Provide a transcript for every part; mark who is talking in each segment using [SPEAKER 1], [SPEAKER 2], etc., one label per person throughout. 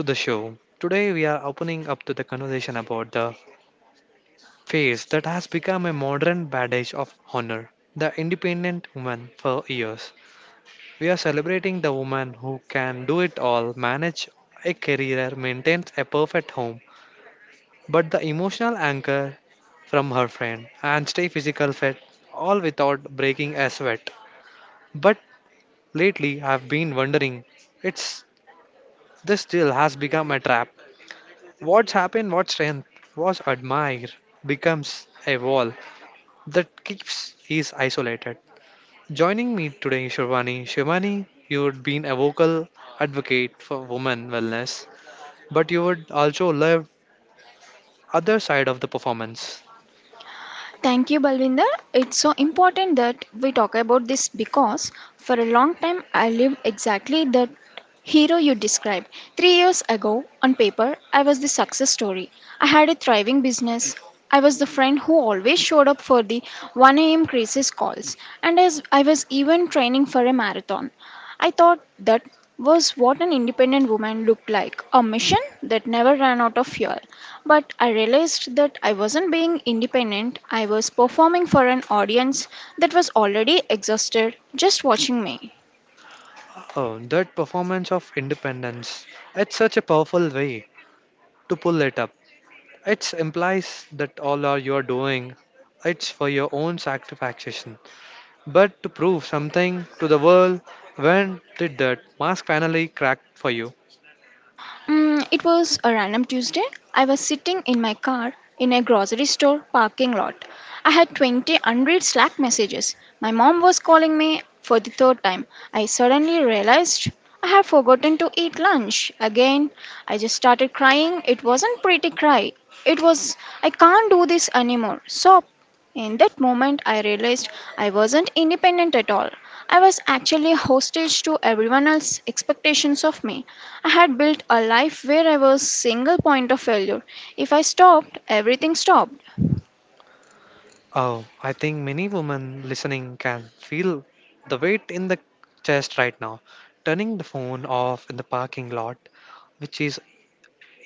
[SPEAKER 1] to the show. Today, we are opening up to the conversation about the phase that has become a modern badge of honor the independent woman for years. We are celebrating the woman who can do it all, manage a career, maintain a perfect home, but the emotional anchor from her friend and stay physical fit, all without breaking a sweat. But lately, I've been wondering it's this still has become a trap. What's happened, what strength was admired becomes a wall that keeps is isolated. Joining me today, Shivani. Shivani, you had been a vocal advocate for women wellness, but you would also love other side of the performance.
[SPEAKER 2] Thank you, Balvinder. It's so important that we talk about this because for a long time I lived exactly that hero you described. 3 years ago, on paper, I was the success story. I had a thriving business. I was the friend who always showed up for the 1 a.m. crisis calls, and as I was even training for a marathon. I thought that was what an independent woman looked like a mission that never ran out of fuel. But I realized that I wasn't being independent, I was performing for an audience that was already exhausted just watching me.
[SPEAKER 1] Oh, that performance of independence. It's such a powerful way to pull it up. It implies that all are you are doing, it's for your own satisfaction, but to prove something to the world. When did that mask finally crack for you?
[SPEAKER 2] It was a random Tuesday. I was sitting in my car in a grocery store parking lot. I had 20 unread Slack messages. My mom was calling me for the third time. I suddenly realized I had forgotten to eat lunch. Again, I just started crying. It wasn't pretty cry. It was I can't do this anymore. Stop. In that moment, I realized I wasn't independent at all. I was actually hostage to everyone else's expectations of me. I had built a life where I was single point of failure. If I stopped, everything stopped.
[SPEAKER 1] Oh, I think many women listening can feel the weight in the chest right now. Turning the phone off in the parking lot, which is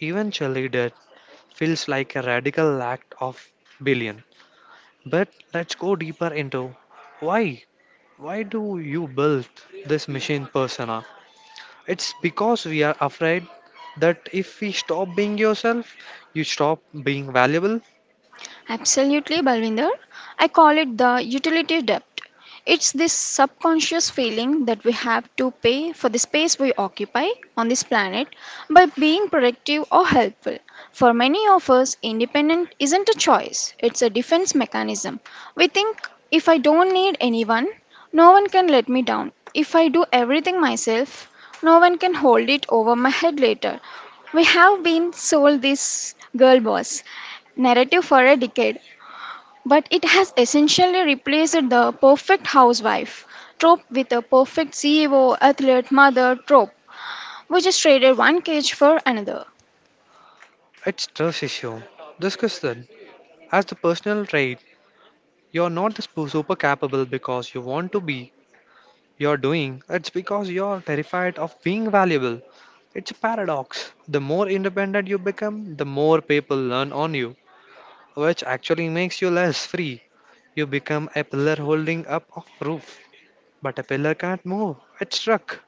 [SPEAKER 1] eventually dead, feels like a radical act of billion. But let's go deeper into why. Why do you build this machine persona? It's because we are afraid that if we stop being yourself, you stop being valuable.
[SPEAKER 2] Absolutely, Balvinder. I call it the utility debt. It's this subconscious feeling that we have to pay for the space we occupy on this planet by being productive or helpful. For many of us, independent isn't a choice, it's a defense mechanism. We think if I don't need anyone, no one can let me down. If I do everything myself, no one can hold it over my head later. We have been sold this girl boss narrative for a decade, but it has essentially replaced the perfect housewife trope with a perfect CEO, athlete, mother trope, which is traded one cage for another.
[SPEAKER 1] It's trust issue. Discuss that. As the personal trait, you're not the super capable because you want to be. You're doing. It's because you're terrified of being valuable. It's a paradox. The more independent you become, the more people learn on you, which actually makes you less free. You become a pillar holding up a roof, but a pillar can't move. It's stuck.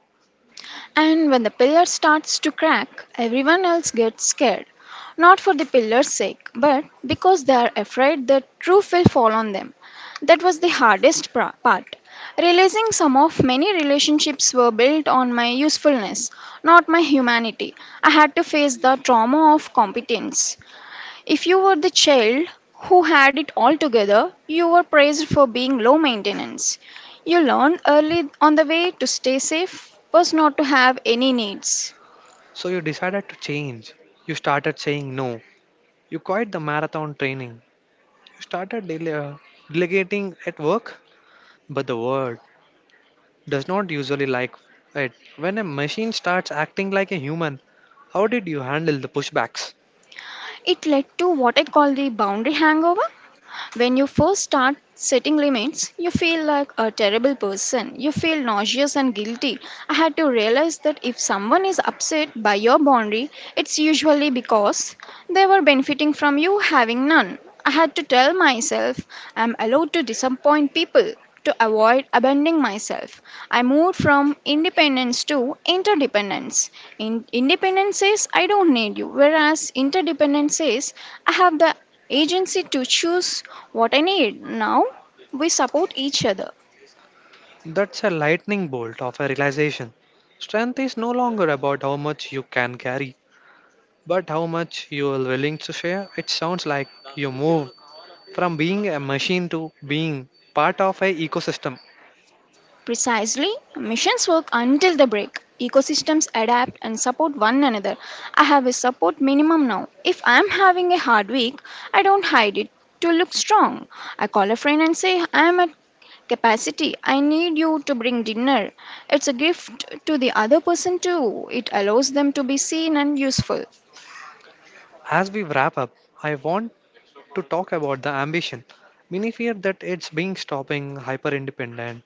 [SPEAKER 2] And when the pillar starts to crack, everyone else gets scared. Not for the pillar's sake, but because they are afraid the truth will fall on them. That was the hardest part. Realizing some of many relationships were built on my usefulness, not my humanity. I had to face the trauma of competence. If you were the child who had it all together, you were praised for being low maintenance. You learned early on the way to stay safe was not to have any needs.
[SPEAKER 1] So you decided to change. You started saying no. You quit the marathon training. You started delegating at work. But the world does not usually like it. When a machine starts acting like a human, how did you handle the pushbacks?
[SPEAKER 2] It led to what I call the boundary hangover. When you first start setting limits, you feel like a terrible person. You feel nauseous and guilty. I had to realize that if someone is upset by your boundary, it's usually because they were benefiting from you having none. I had to tell myself I'm allowed to disappoint people to avoid abandoning myself. I moved from independence to interdependence. Independence says I don't need you, whereas interdependence says I have the agency to choose what I need. Now we support each other.
[SPEAKER 1] That's a lightning bolt of a realization. Strength is no longer about how much you can carry, but how much you are willing to share. It sounds like you moved from being a machine to being part of a ecosystem.
[SPEAKER 2] Precisely, missions work until the break. Ecosystems adapt and support one another. I have a support minimum now. If I'm having a hard week, I don't hide it to look strong. I call a friend and say, I'm at capacity. I need you to bring dinner. It's a gift to the other person too. It allows them to be seen and useful.
[SPEAKER 1] As we wrap up, I want to talk about the ambition. Many fear that it's being stopping hyper independent.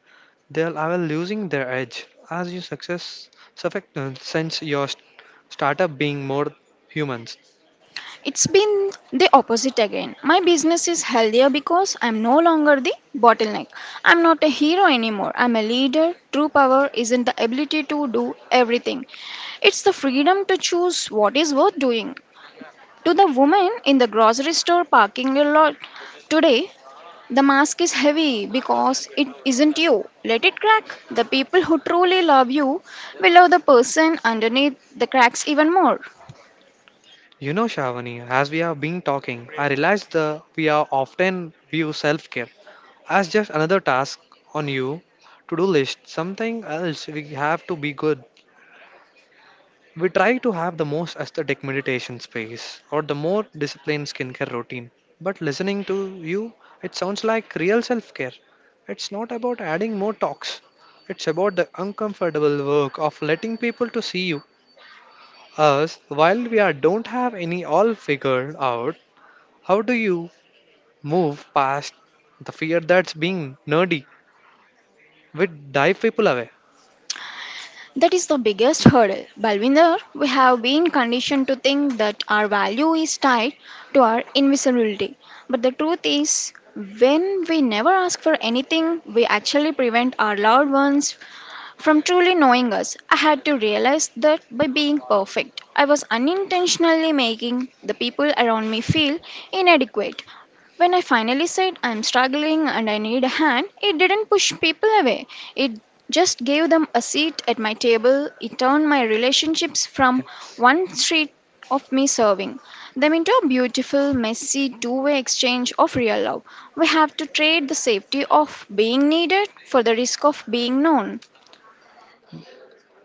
[SPEAKER 1] They'll are losing their edge as your success sense your startup being more humans.
[SPEAKER 2] It's been the opposite again. My business is healthier because I'm no longer the bottleneck. I'm not a hero anymore. I'm a leader. True power isn't the ability to do everything, it's the freedom to choose what is worth doing. To the woman in the grocery store parking lot today, the mask is heavy because it isn't you. Let it crack. The people who truly love you will love the person underneath the cracks even more.
[SPEAKER 1] You know, Shavani, as we have been talking, I realize that we are often view self care as just another task on you to do list, something else we have to be good. We try to have the most aesthetic meditation space or the more disciplined skincare routine. But listening to you, it sounds like real self care. It's not about adding more talks, it's about the uncomfortable work of letting people to see you. Us, while we are, don't have any all figured out, how do you move past the fear that's being nerdy? We dive people away.
[SPEAKER 2] That is the biggest hurdle. Balwinder, we have been conditioned to think that our value is tied to our invisibility. But the truth is, when we never ask for anything, we actually prevent our loved ones from truly knowing us. I had to realize that by being perfect, I was unintentionally making the people around me feel inadequate. When I finally said I'm struggling and I need a hand, it didn't push people away. It just gave them a seat at my table. It turned my relationships from
[SPEAKER 1] Yeah.
[SPEAKER 2] one street of me serving them into a beautiful, messy, two-way exchange of real love. We have to trade the safety of being needed for the risk of being known.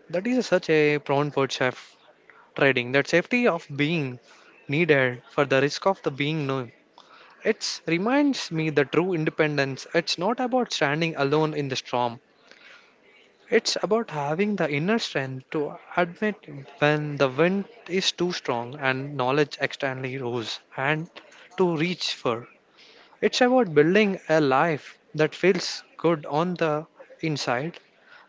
[SPEAKER 1] That is such a prone word, chef. Trading that safety of being needed for the risk of the being known. It reminds me the true independence. It's not about standing alone in the storm. It's about having the inner strength to admit when the wind is too strong and knowledge externally rose and to reach for. It's about building a life that feels good on the inside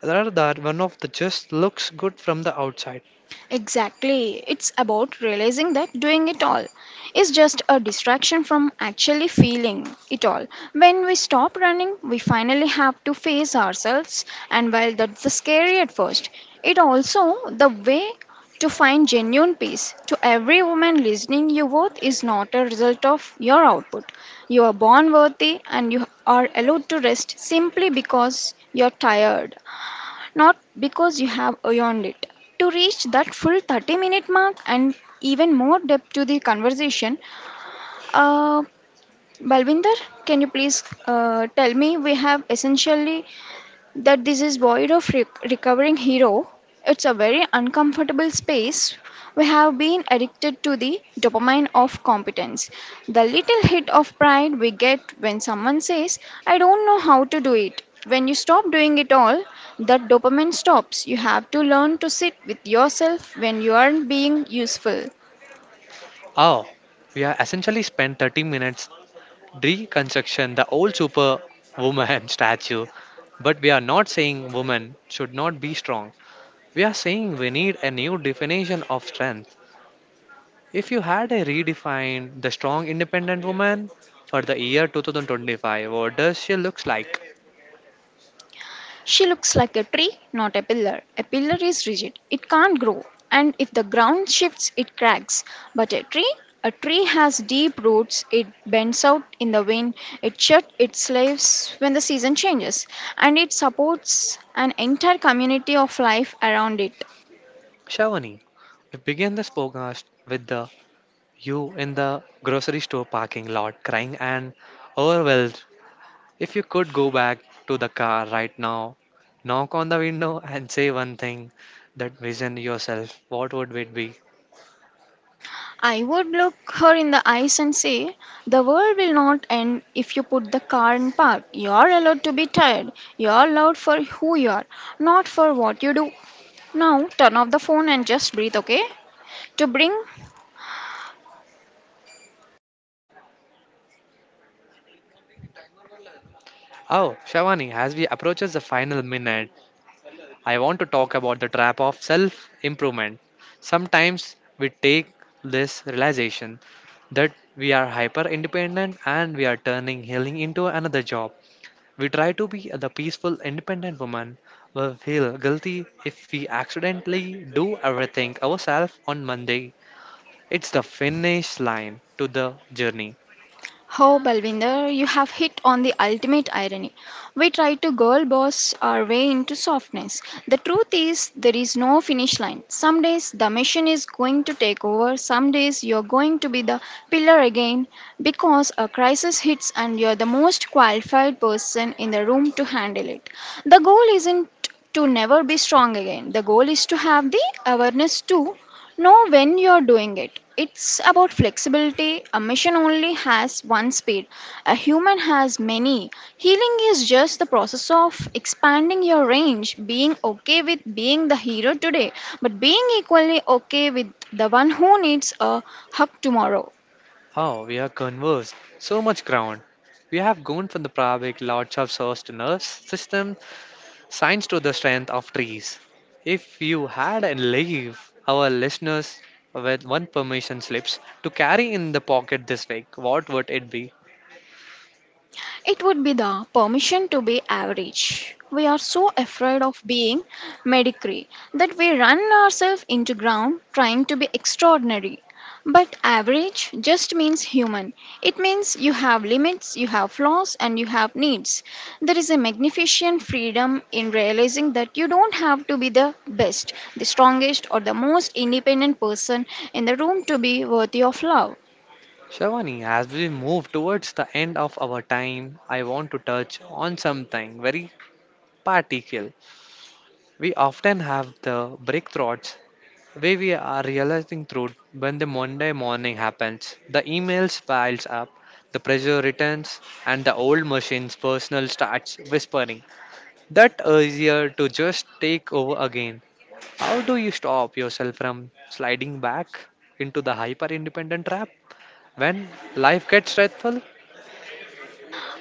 [SPEAKER 1] rather than one of the just looks good from the outside.
[SPEAKER 2] Exactly. It's about realizing that doing it all is just a distraction from actually feeling it all. When we stop running, we finally have to face ourselves, and while that's the scary at first, it also the way to find genuine peace. To every woman listening, your worth is not a result of your output. You are born worthy and you are allowed to rest simply because you're tired not because you have earned it. To reach that full 30-minute mark and even more depth to the conversation, uh, Balvinder, can you please tell me we have essentially that this is void of recovering hero. It's a very uncomfortable space. We have been addicted to the dopamine of competence. The little hit of pride we get when someone says, I don't know how to do it. When you stop doing it all, that dopamine stops. You have to learn to sit with yourself when you aren't being useful.
[SPEAKER 1] Oh, we are essentially spent 30 minutes reconstruction, the old superwoman statue. But we are not saying women should not be strong. We are saying we need a new definition of strength. If you had a redefined the strong independent woman for the year 2025, what does she looks like?
[SPEAKER 2] She looks like a tree, not a pillar. A pillar is rigid, it can't grow, and if the ground shifts, it cracks. But a tree has deep roots, it bends out in the wind, it sheds its leaves when the season changes, and it supports an entire community of life around it.
[SPEAKER 1] Shavani, we begin this podcast with the you in the grocery store parking lot crying and overwhelmed. If you could go back to the car right now, knock on the window and say one thing that vision yourself, what would it be?
[SPEAKER 2] I would look her in the eyes and say, the world will not end if you put the car in park. You're allowed to be tired. You're allowed for who you are, not for what you do. Now turn off the phone and just breathe, okay? To bring
[SPEAKER 1] Oh, Shavani, as we approaches the final minute, I want to talk about the trap of self improvement. Sometimes we take this realization that we are hyper independent and we are turning healing into another job. We try to be the peaceful independent woman will feel guilty if we accidentally do everything ourselves on Monday. It's the finish line to the journey.
[SPEAKER 2] oh, Balvinder, you have hit on the ultimate irony. We try to girl boss our way into softness. The truth is, there is no finish line. Some days the machine is going to take over, some days you're going to be the pillar again because a crisis hits and you're the most qualified person in the room to handle it. The goal isn't to never be strong again. The goal is to have the awareness to know when you're doing it. It's about flexibility. A machine only has one speed, a human has many. Healing is just the process of expanding your range, being okay with being the hero today, but being equally okay with the one who needs a hug tomorrow.
[SPEAKER 1] Oh, we have conversed so much ground. We have gone from the Pravik lots of source to nerve system, science to the strength of trees. If you had and leave our listeners with one permission slips to carry in the pocket this week, what would it be?
[SPEAKER 2] It would be the permission to be average. We are so afraid of being mediocre that we run ourselves into ground trying to be extraordinary. But average just means human. It means you have limits, you have flaws, and you have needs. There is a magnificent freedom in realizing that you don't have to be the best, the strongest, or the most independent person in the room to be worthy of love.
[SPEAKER 1] Shavani, as we move towards the end of our time, I want to touch on something very particular. We often have the breakthroughs way we are realizing through when the Monday morning happens. The emails piles up, the pressure returns, and the old machine's personal starts whispering. That easier to just take over again. How do you stop yourself from sliding back into the hyper independent trap when life gets stressful?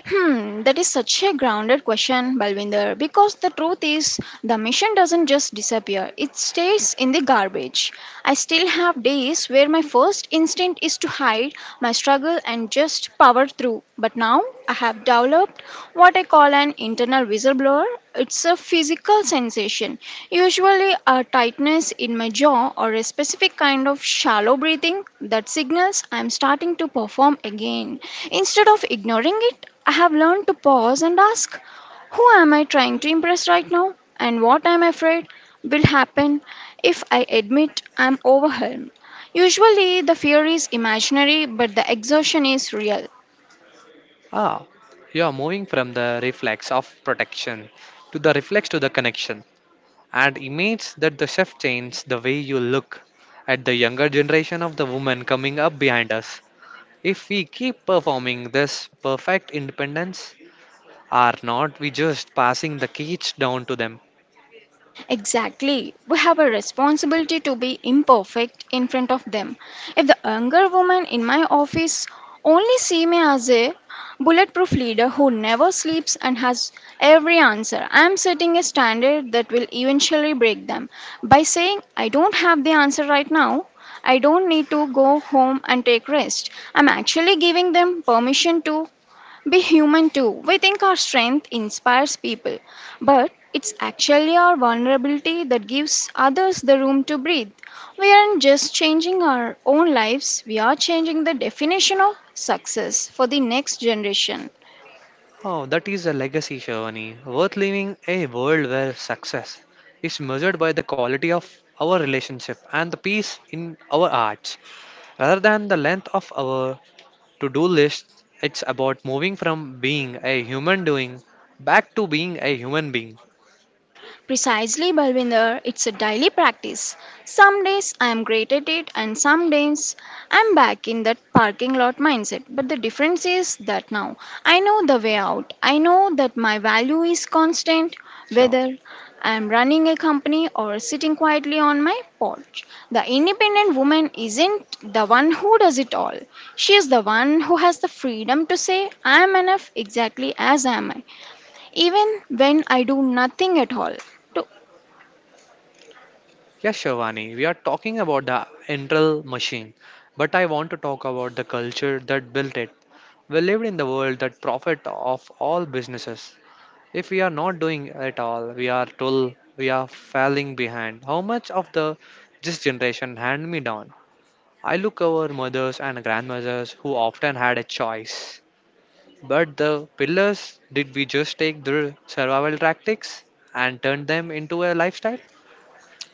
[SPEAKER 2] That is such a grounded question, Balvinder, because the truth is the mission doesn't just disappear, it stays in the garbage. I still have days where my first instinct is to hide my struggle and just power through, but now I have developed what I call an internal whistleblower. It's a physical sensation, usually a tightness in my jaw or a specific kind of shallow breathing that signals I'm starting to perform again. Instead of ignoring it, I have learned to pause and ask, who am I trying to impress right now? And what I'm afraid will happen if I admit I'm overwhelmed. Usually, the fear is imaginary, but the exhaustion is real.
[SPEAKER 1] Ah, you are moving from the reflex of protection to the reflex to the connection, and image that the chef changed the way you look at the younger generation of the women coming up behind us. If we keep performing this perfect independence, are not we just passing the keys down to them?
[SPEAKER 2] Exactly. We have a responsibility to be imperfect in front of them. If the younger women in my office only see me as a bulletproof leader who never sleeps and has every answer, I am setting a standard that will eventually break them. By saying, I don't have the answer right now, I don't need to go home and take rest. I'm actually giving them permission to be human too. We think our strength inspires people, but it's actually our vulnerability that gives others the room to breathe. We aren't just changing our own lives, we are changing the definition of success for the next generation.
[SPEAKER 1] Oh, that is a legacy, Shivani. Worth living a world where success is measured by the quality of our relationship and the peace in our hearts rather than the length of our to do list. It's about moving from being a human doing back to being a human being.
[SPEAKER 2] Precisely, Balvinder, it's a daily practice. Some days I am great at it, and some days I'm back in that parking lot mindset. But the difference is that now I know the way out. I know that my value is constant,
[SPEAKER 1] Sure.
[SPEAKER 2] whether I'm running a company or sitting quietly on my porch. The independent woman isn't the one who does it all. She is the one who has the freedom to say, I am enough exactly as am I, even when I do nothing at all to.
[SPEAKER 1] Yes, Shivani, we are talking about the internal machine, but I want to talk about the culture that built it. We lived in the world that profit of all businesses. If we are not doing it all, we are told we are falling behind. How much of the this generation hand me down? I look over mothers and grandmothers who often had a choice. But the pillars, did we just take their survival tactics and turn them into a lifestyle?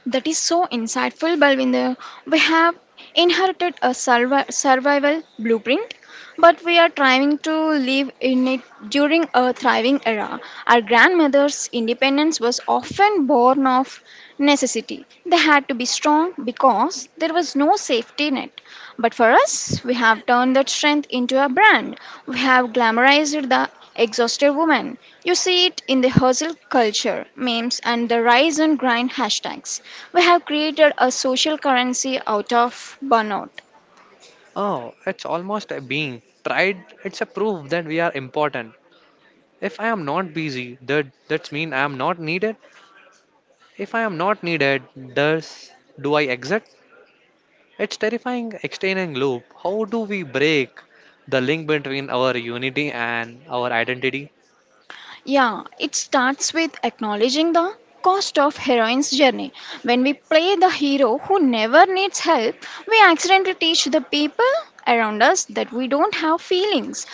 [SPEAKER 2] That is so insightful, Balvinder. We have inherited a survival blueprint, but we are trying to live in it during a thriving era. Our grandmother's independence was often born of necessity. They had to be strong because there was no safety net. But for us, we have turned that strength into a brand. We have glamorized the exhausted woman. You see it in the hustle culture, memes, and the rise and grind hashtags. We have created a social currency out of burnout.
[SPEAKER 1] Oh, it's almost a being. Tried, it's a proof that we are important. If I am not busy, that's mean I am not needed. If I am not needed, does do I exit? It's terrifying extending loop. How do we break the link between our unity and our identity?
[SPEAKER 2] Yeah, it starts with acknowledging the cost of heroine's journey. When we play the hero who never needs help, we accidentally teach the people around us that we don't have feelings.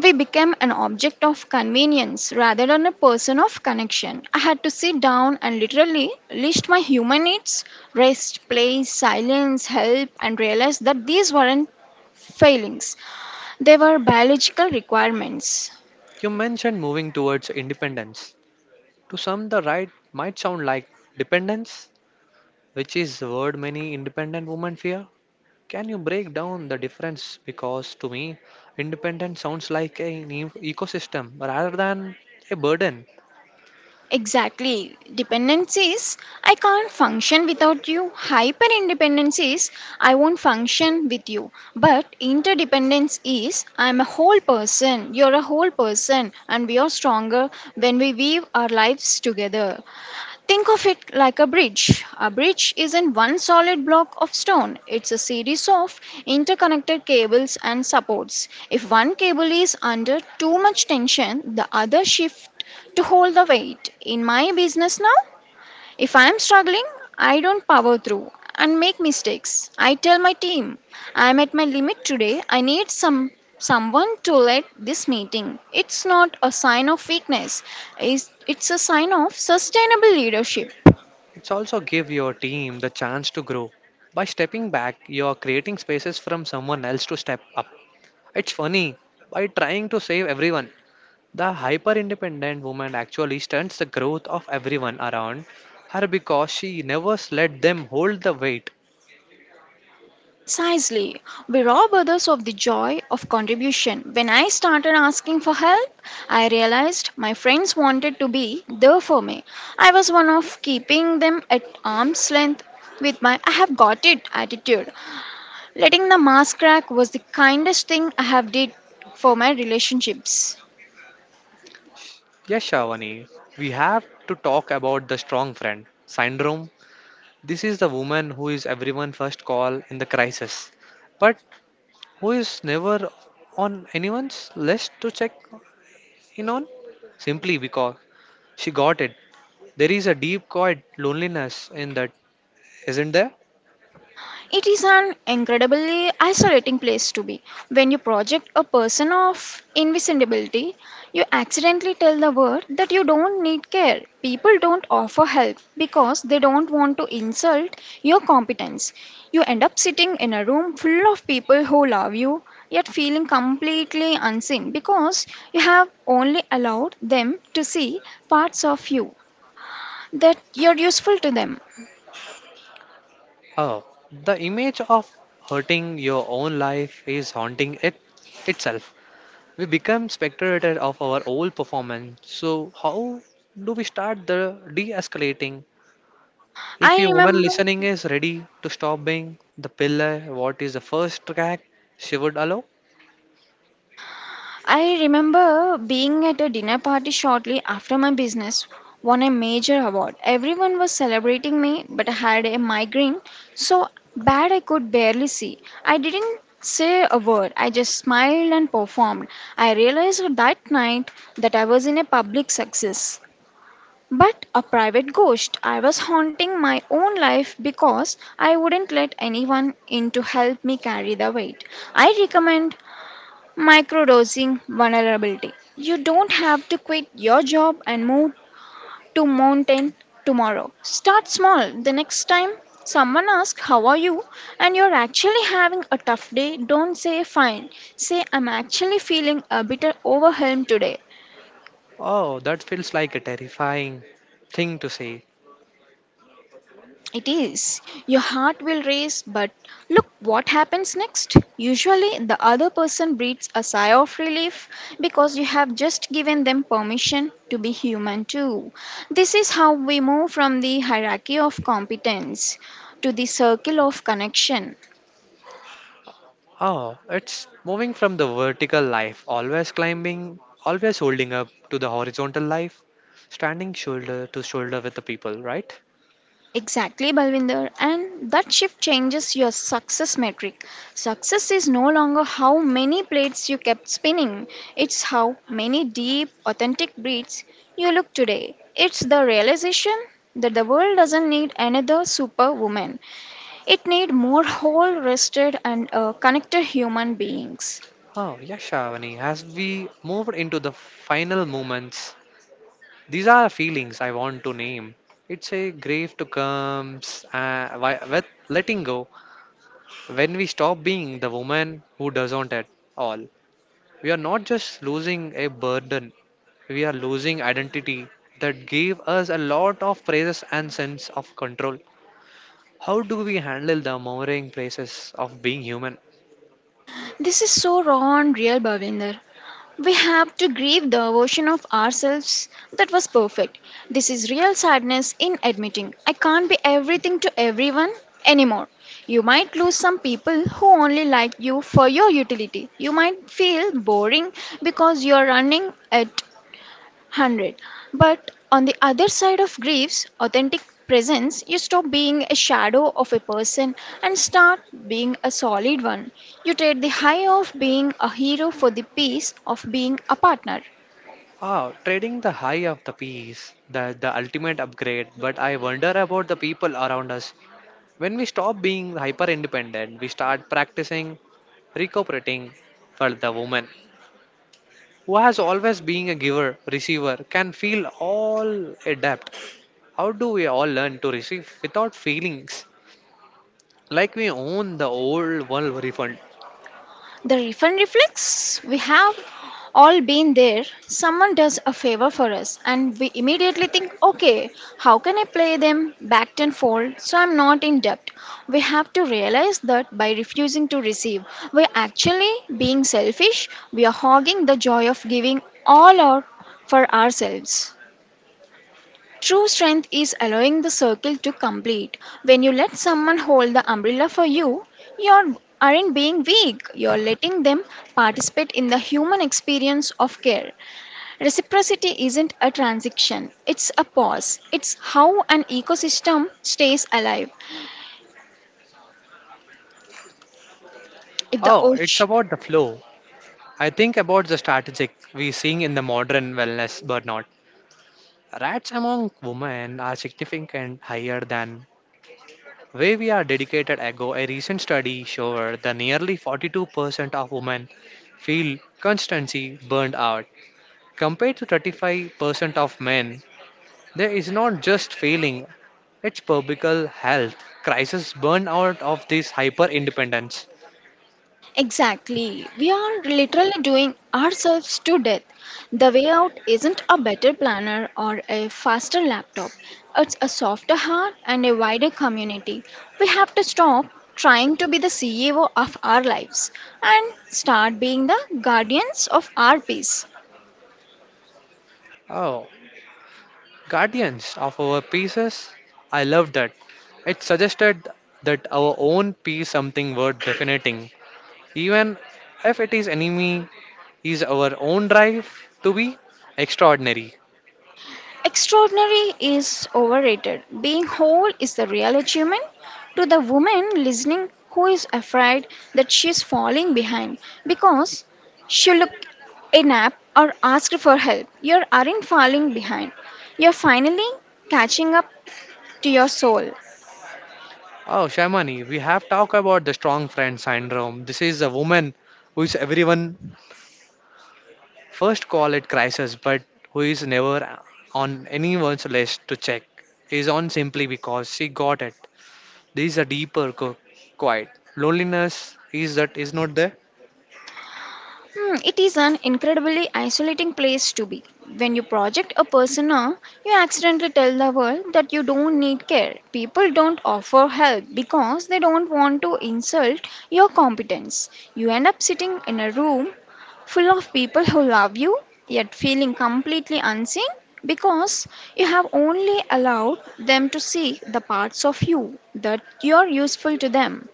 [SPEAKER 2] We become an object of convenience rather than a person of connection. I had to sit down and literally list my human needs rest, play, silence, help, and realize that these weren't failings, they were biological requirements.
[SPEAKER 1] You mentioned moving towards independence. To some, the right might sound like dependence, which is the word many independent women fear. Can you break down the difference? Because to me, independent sounds like an ecosystem rather than a burden.
[SPEAKER 2] Exactly. Dependence is I can't function without you. Hyper independence is I won't function with you. But interdependence is I'm a whole person, you're a whole person, and we are stronger when we weave our lives together. Think of it like a bridge. A bridge isn't one solid block of stone, it's a series of interconnected cables and supports. If one cable is under too much tension, the other shift to hold the weight. In my business now, if I am struggling, I don't power through and make mistakes. I tell my team, I am at my limit today. I need someone to lead this meeting. It's not a sign of weakness. It's a sign of sustainable leadership.
[SPEAKER 1] It's also give your team the chance to grow. By stepping back, you are creating spaces from someone else to step up. It's funny, by trying to save everyone, the hyper independent woman actually stunts the growth of everyone around her because she never let them hold the weight.
[SPEAKER 2] Precisely. We rob others of the joy of contribution. When I started asking for help, I realized my friends wanted to be there for me. I was one of keeping them at arm's length with my I have got it attitude. Letting the mask crack was the kindest thing I have did for my relationships.
[SPEAKER 1] Yes, Shavani, we have to talk about the strong friend syndrome. This is the woman who is everyone first call in the crisis, but who is never on anyone's list to check in on simply because she got it. There is a deep quiet loneliness in that, isn't there?
[SPEAKER 2] It is an incredibly isolating place to be. When you project a person of invisibility, you accidentally tell the world that you don't need care. People don't offer help because they don't want to insult your competence. You end up sitting in a room full of people who love you, yet feeling completely unseen because you have only allowed them to see parts of you that you're useful to them.
[SPEAKER 1] Oh, the image of hurting your own life is haunting it itself. We become spectators of our old performance. So, how do we start the de escalating? If
[SPEAKER 2] I
[SPEAKER 1] your woman
[SPEAKER 2] remember
[SPEAKER 1] listening is ready to stop being the pillar, what is the first track she would allow?
[SPEAKER 2] I remember being at a dinner party shortly after my business won a major award. Everyone was celebrating me, but I had a migraine so bad I could barely see. I didn't say a word, I just smiled and performed. I realized that night that I was in a public success. But a private ghost. I was haunting my own life because I wouldn't let anyone in to help me carry the weight. I recommend microdosing vulnerability. You don't have to quit your job and move to mountain tomorrow. Start small. The next time someone asks how are you and you're actually having a tough day, don't say fine. Say I'm actually feeling a bit overwhelmed today.
[SPEAKER 1] Oh, that feels like a terrifying thing to say.
[SPEAKER 2] It is. Your heart will race, but look what happens next. Usually, the other person breathes a sigh of relief because you have just given them permission to be human too. This is how we move from the hierarchy of competence to the circle of connection.
[SPEAKER 1] Oh, it's moving from the vertical life, always climbing, always holding up, to the horizontal life, standing shoulder to shoulder with the people, right?
[SPEAKER 2] Exactly, Balvinder. And that shift changes your success metric. Success is no longer how many plates you kept spinning, it's how many deep, authentic breaths you look today. It's the realization that the world doesn't need another superwoman, it needs more whole, rested, and connected human beings.
[SPEAKER 1] Oh, yes, Shavani, as we moved into the final moments. These are feelings I want to name. It's a grief to comes with letting go. When we stop being the woman who doesn't at all, we are not just losing a burden. We are losing identity that gave us a lot of praises and sense of control. How do we handle the mourning praises of being human?
[SPEAKER 2] This is so raw and real, Bhavinder. We have to grieve the version of ourselves that was perfect. This is real sadness in admitting I can't be everything to everyone anymore. You might lose some people who only like you for your utility. You might feel boring because you are running at 100. But on the other side of grief's authentic presence, you stop being a shadow of a person and start being a solid one. You trade the high of being a hero for the peace of being a partner.
[SPEAKER 1] Ah, trading the high of the peace, the ultimate upgrade. But I wonder about the people around us. When we stop being hyper independent, we start practicing recuperating for the woman who has always been a giver, receiver, can feel all adept. How do we all learn to receive without feelings? Like we own the old world refund.
[SPEAKER 2] The refund reflex, we have all been there. Someone does a favor for us, and we immediately think, okay, how can I play them back tenfold so I'm not in debt? We have to realize that by refusing to receive, we're actually being selfish, we are hogging the joy of giving all our for ourselves. True strength is allowing the circle to complete. When you let someone hold the umbrella for you, you aren't being weak, you're letting them participate in the human experience of care. Reciprocity isn't a transaction, it's a pause. It's how an ecosystem stays alive. If the
[SPEAKER 1] Oh, it's
[SPEAKER 2] ocean
[SPEAKER 1] about the flow. I think about the strategic we seeing in the modern wellness burnout. Rats among women are significant higher than where we are dedicated ago, a recent study showed that nearly 42% of women feel constancy burned out. Compared to 35% of men, there is not just failing, it's publical health crisis burned out of this hyper independence.
[SPEAKER 2] exactly. We are literally doing ourselves to death. The way out isn't a better planner or a faster laptop, it's a softer heart and a wider community. We have to stop trying to be the CEO of our lives and start being the guardians of our peace.
[SPEAKER 1] Oh, guardians of our pieces, I love that. It suggested that our own piece something worth definiting, even if it is enemy is our own drive to be extraordinary.
[SPEAKER 2] Extraordinary is overrated. Being whole is the real achievement. To the woman listening who is afraid that she is falling behind because she look a nap or asked for help, you aren't falling behind. You're finally catching up to your soul.
[SPEAKER 1] Oh, Shamani, we have talked about the strong friend syndrome. This is a woman who is everyone first call it crisis, but who is never on anyone's list to check. Is on simply because she got it. This is a deeper quiet. Loneliness is that is not there.
[SPEAKER 2] Hmm, it is an incredibly isolating place to be. When you project a persona, you accidentally tell the world that you don't need care. People don't offer help because they don't want to insult your competence. You end up sitting in a room full of people who love you, yet feeling completely unseen because you have only allowed them to see the parts of you that you're useful to them.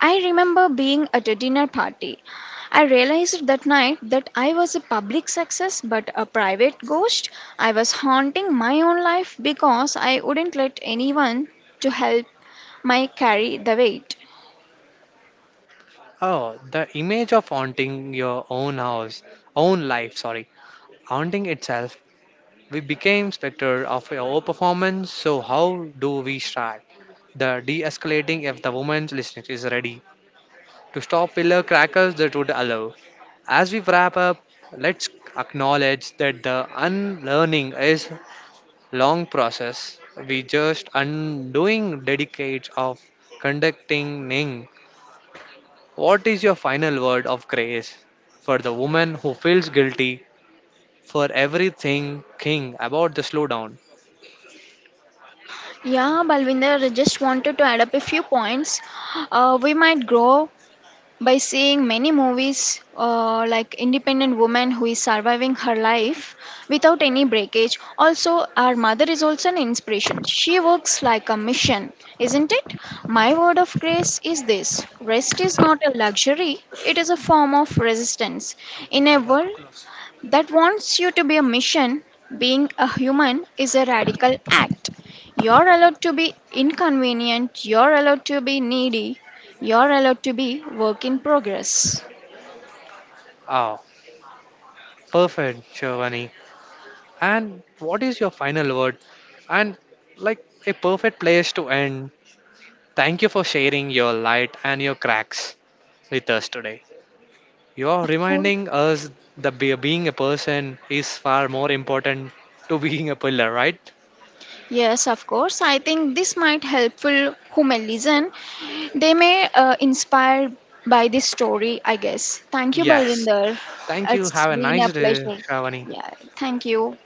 [SPEAKER 2] I remember being at a dinner party. I realized that night that I was a public success but a private ghost. I was haunting my own life because I wouldn't let anyone to help my carry the weight.
[SPEAKER 1] Oh, the image of haunting your own house, own life, sorry, haunting itself. We became spectre of our performance, so how do we strike? The de-escalating if the woman's listening is ready to stop pillar crackers that would allow. As we wrap up, let's acknowledge that the unlearning is long process. We just undoing dedicates of conducting Ning. What is your final word of grace for the woman who feels guilty for everything king about the slowdown?
[SPEAKER 2] Yeah, Balvinder, I just wanted to add up a few points. We might grow by seeing many movies like independent woman who is surviving her life without any breakage, also our mother is also an inspiration, she works like a mission, isn't it? My word of grace is this, rest is not a luxury, it is a form of resistance in a world that wants you to be a mission, being a human is a radical act. You're allowed to be inconvenient, you're allowed to be needy, you're allowed to be work in progress.
[SPEAKER 1] Ah, perfect, Giovanni. And what is your final word? And like a perfect place to end. Thank you for sharing your light and your cracks with us today. You're
[SPEAKER 2] Of course.
[SPEAKER 1] reminding us that being a person is far more important to being a pillar, right?
[SPEAKER 2] Yes, of course. I think this might helpful who may listen. They may inspired by this story, I guess. Thank you,
[SPEAKER 1] Yes.
[SPEAKER 2] Balvinder.
[SPEAKER 1] Thank you.
[SPEAKER 2] It's
[SPEAKER 1] Have a
[SPEAKER 2] been a
[SPEAKER 1] nice day,
[SPEAKER 2] pleasure.
[SPEAKER 1] Shravani.
[SPEAKER 2] Yeah, thank you.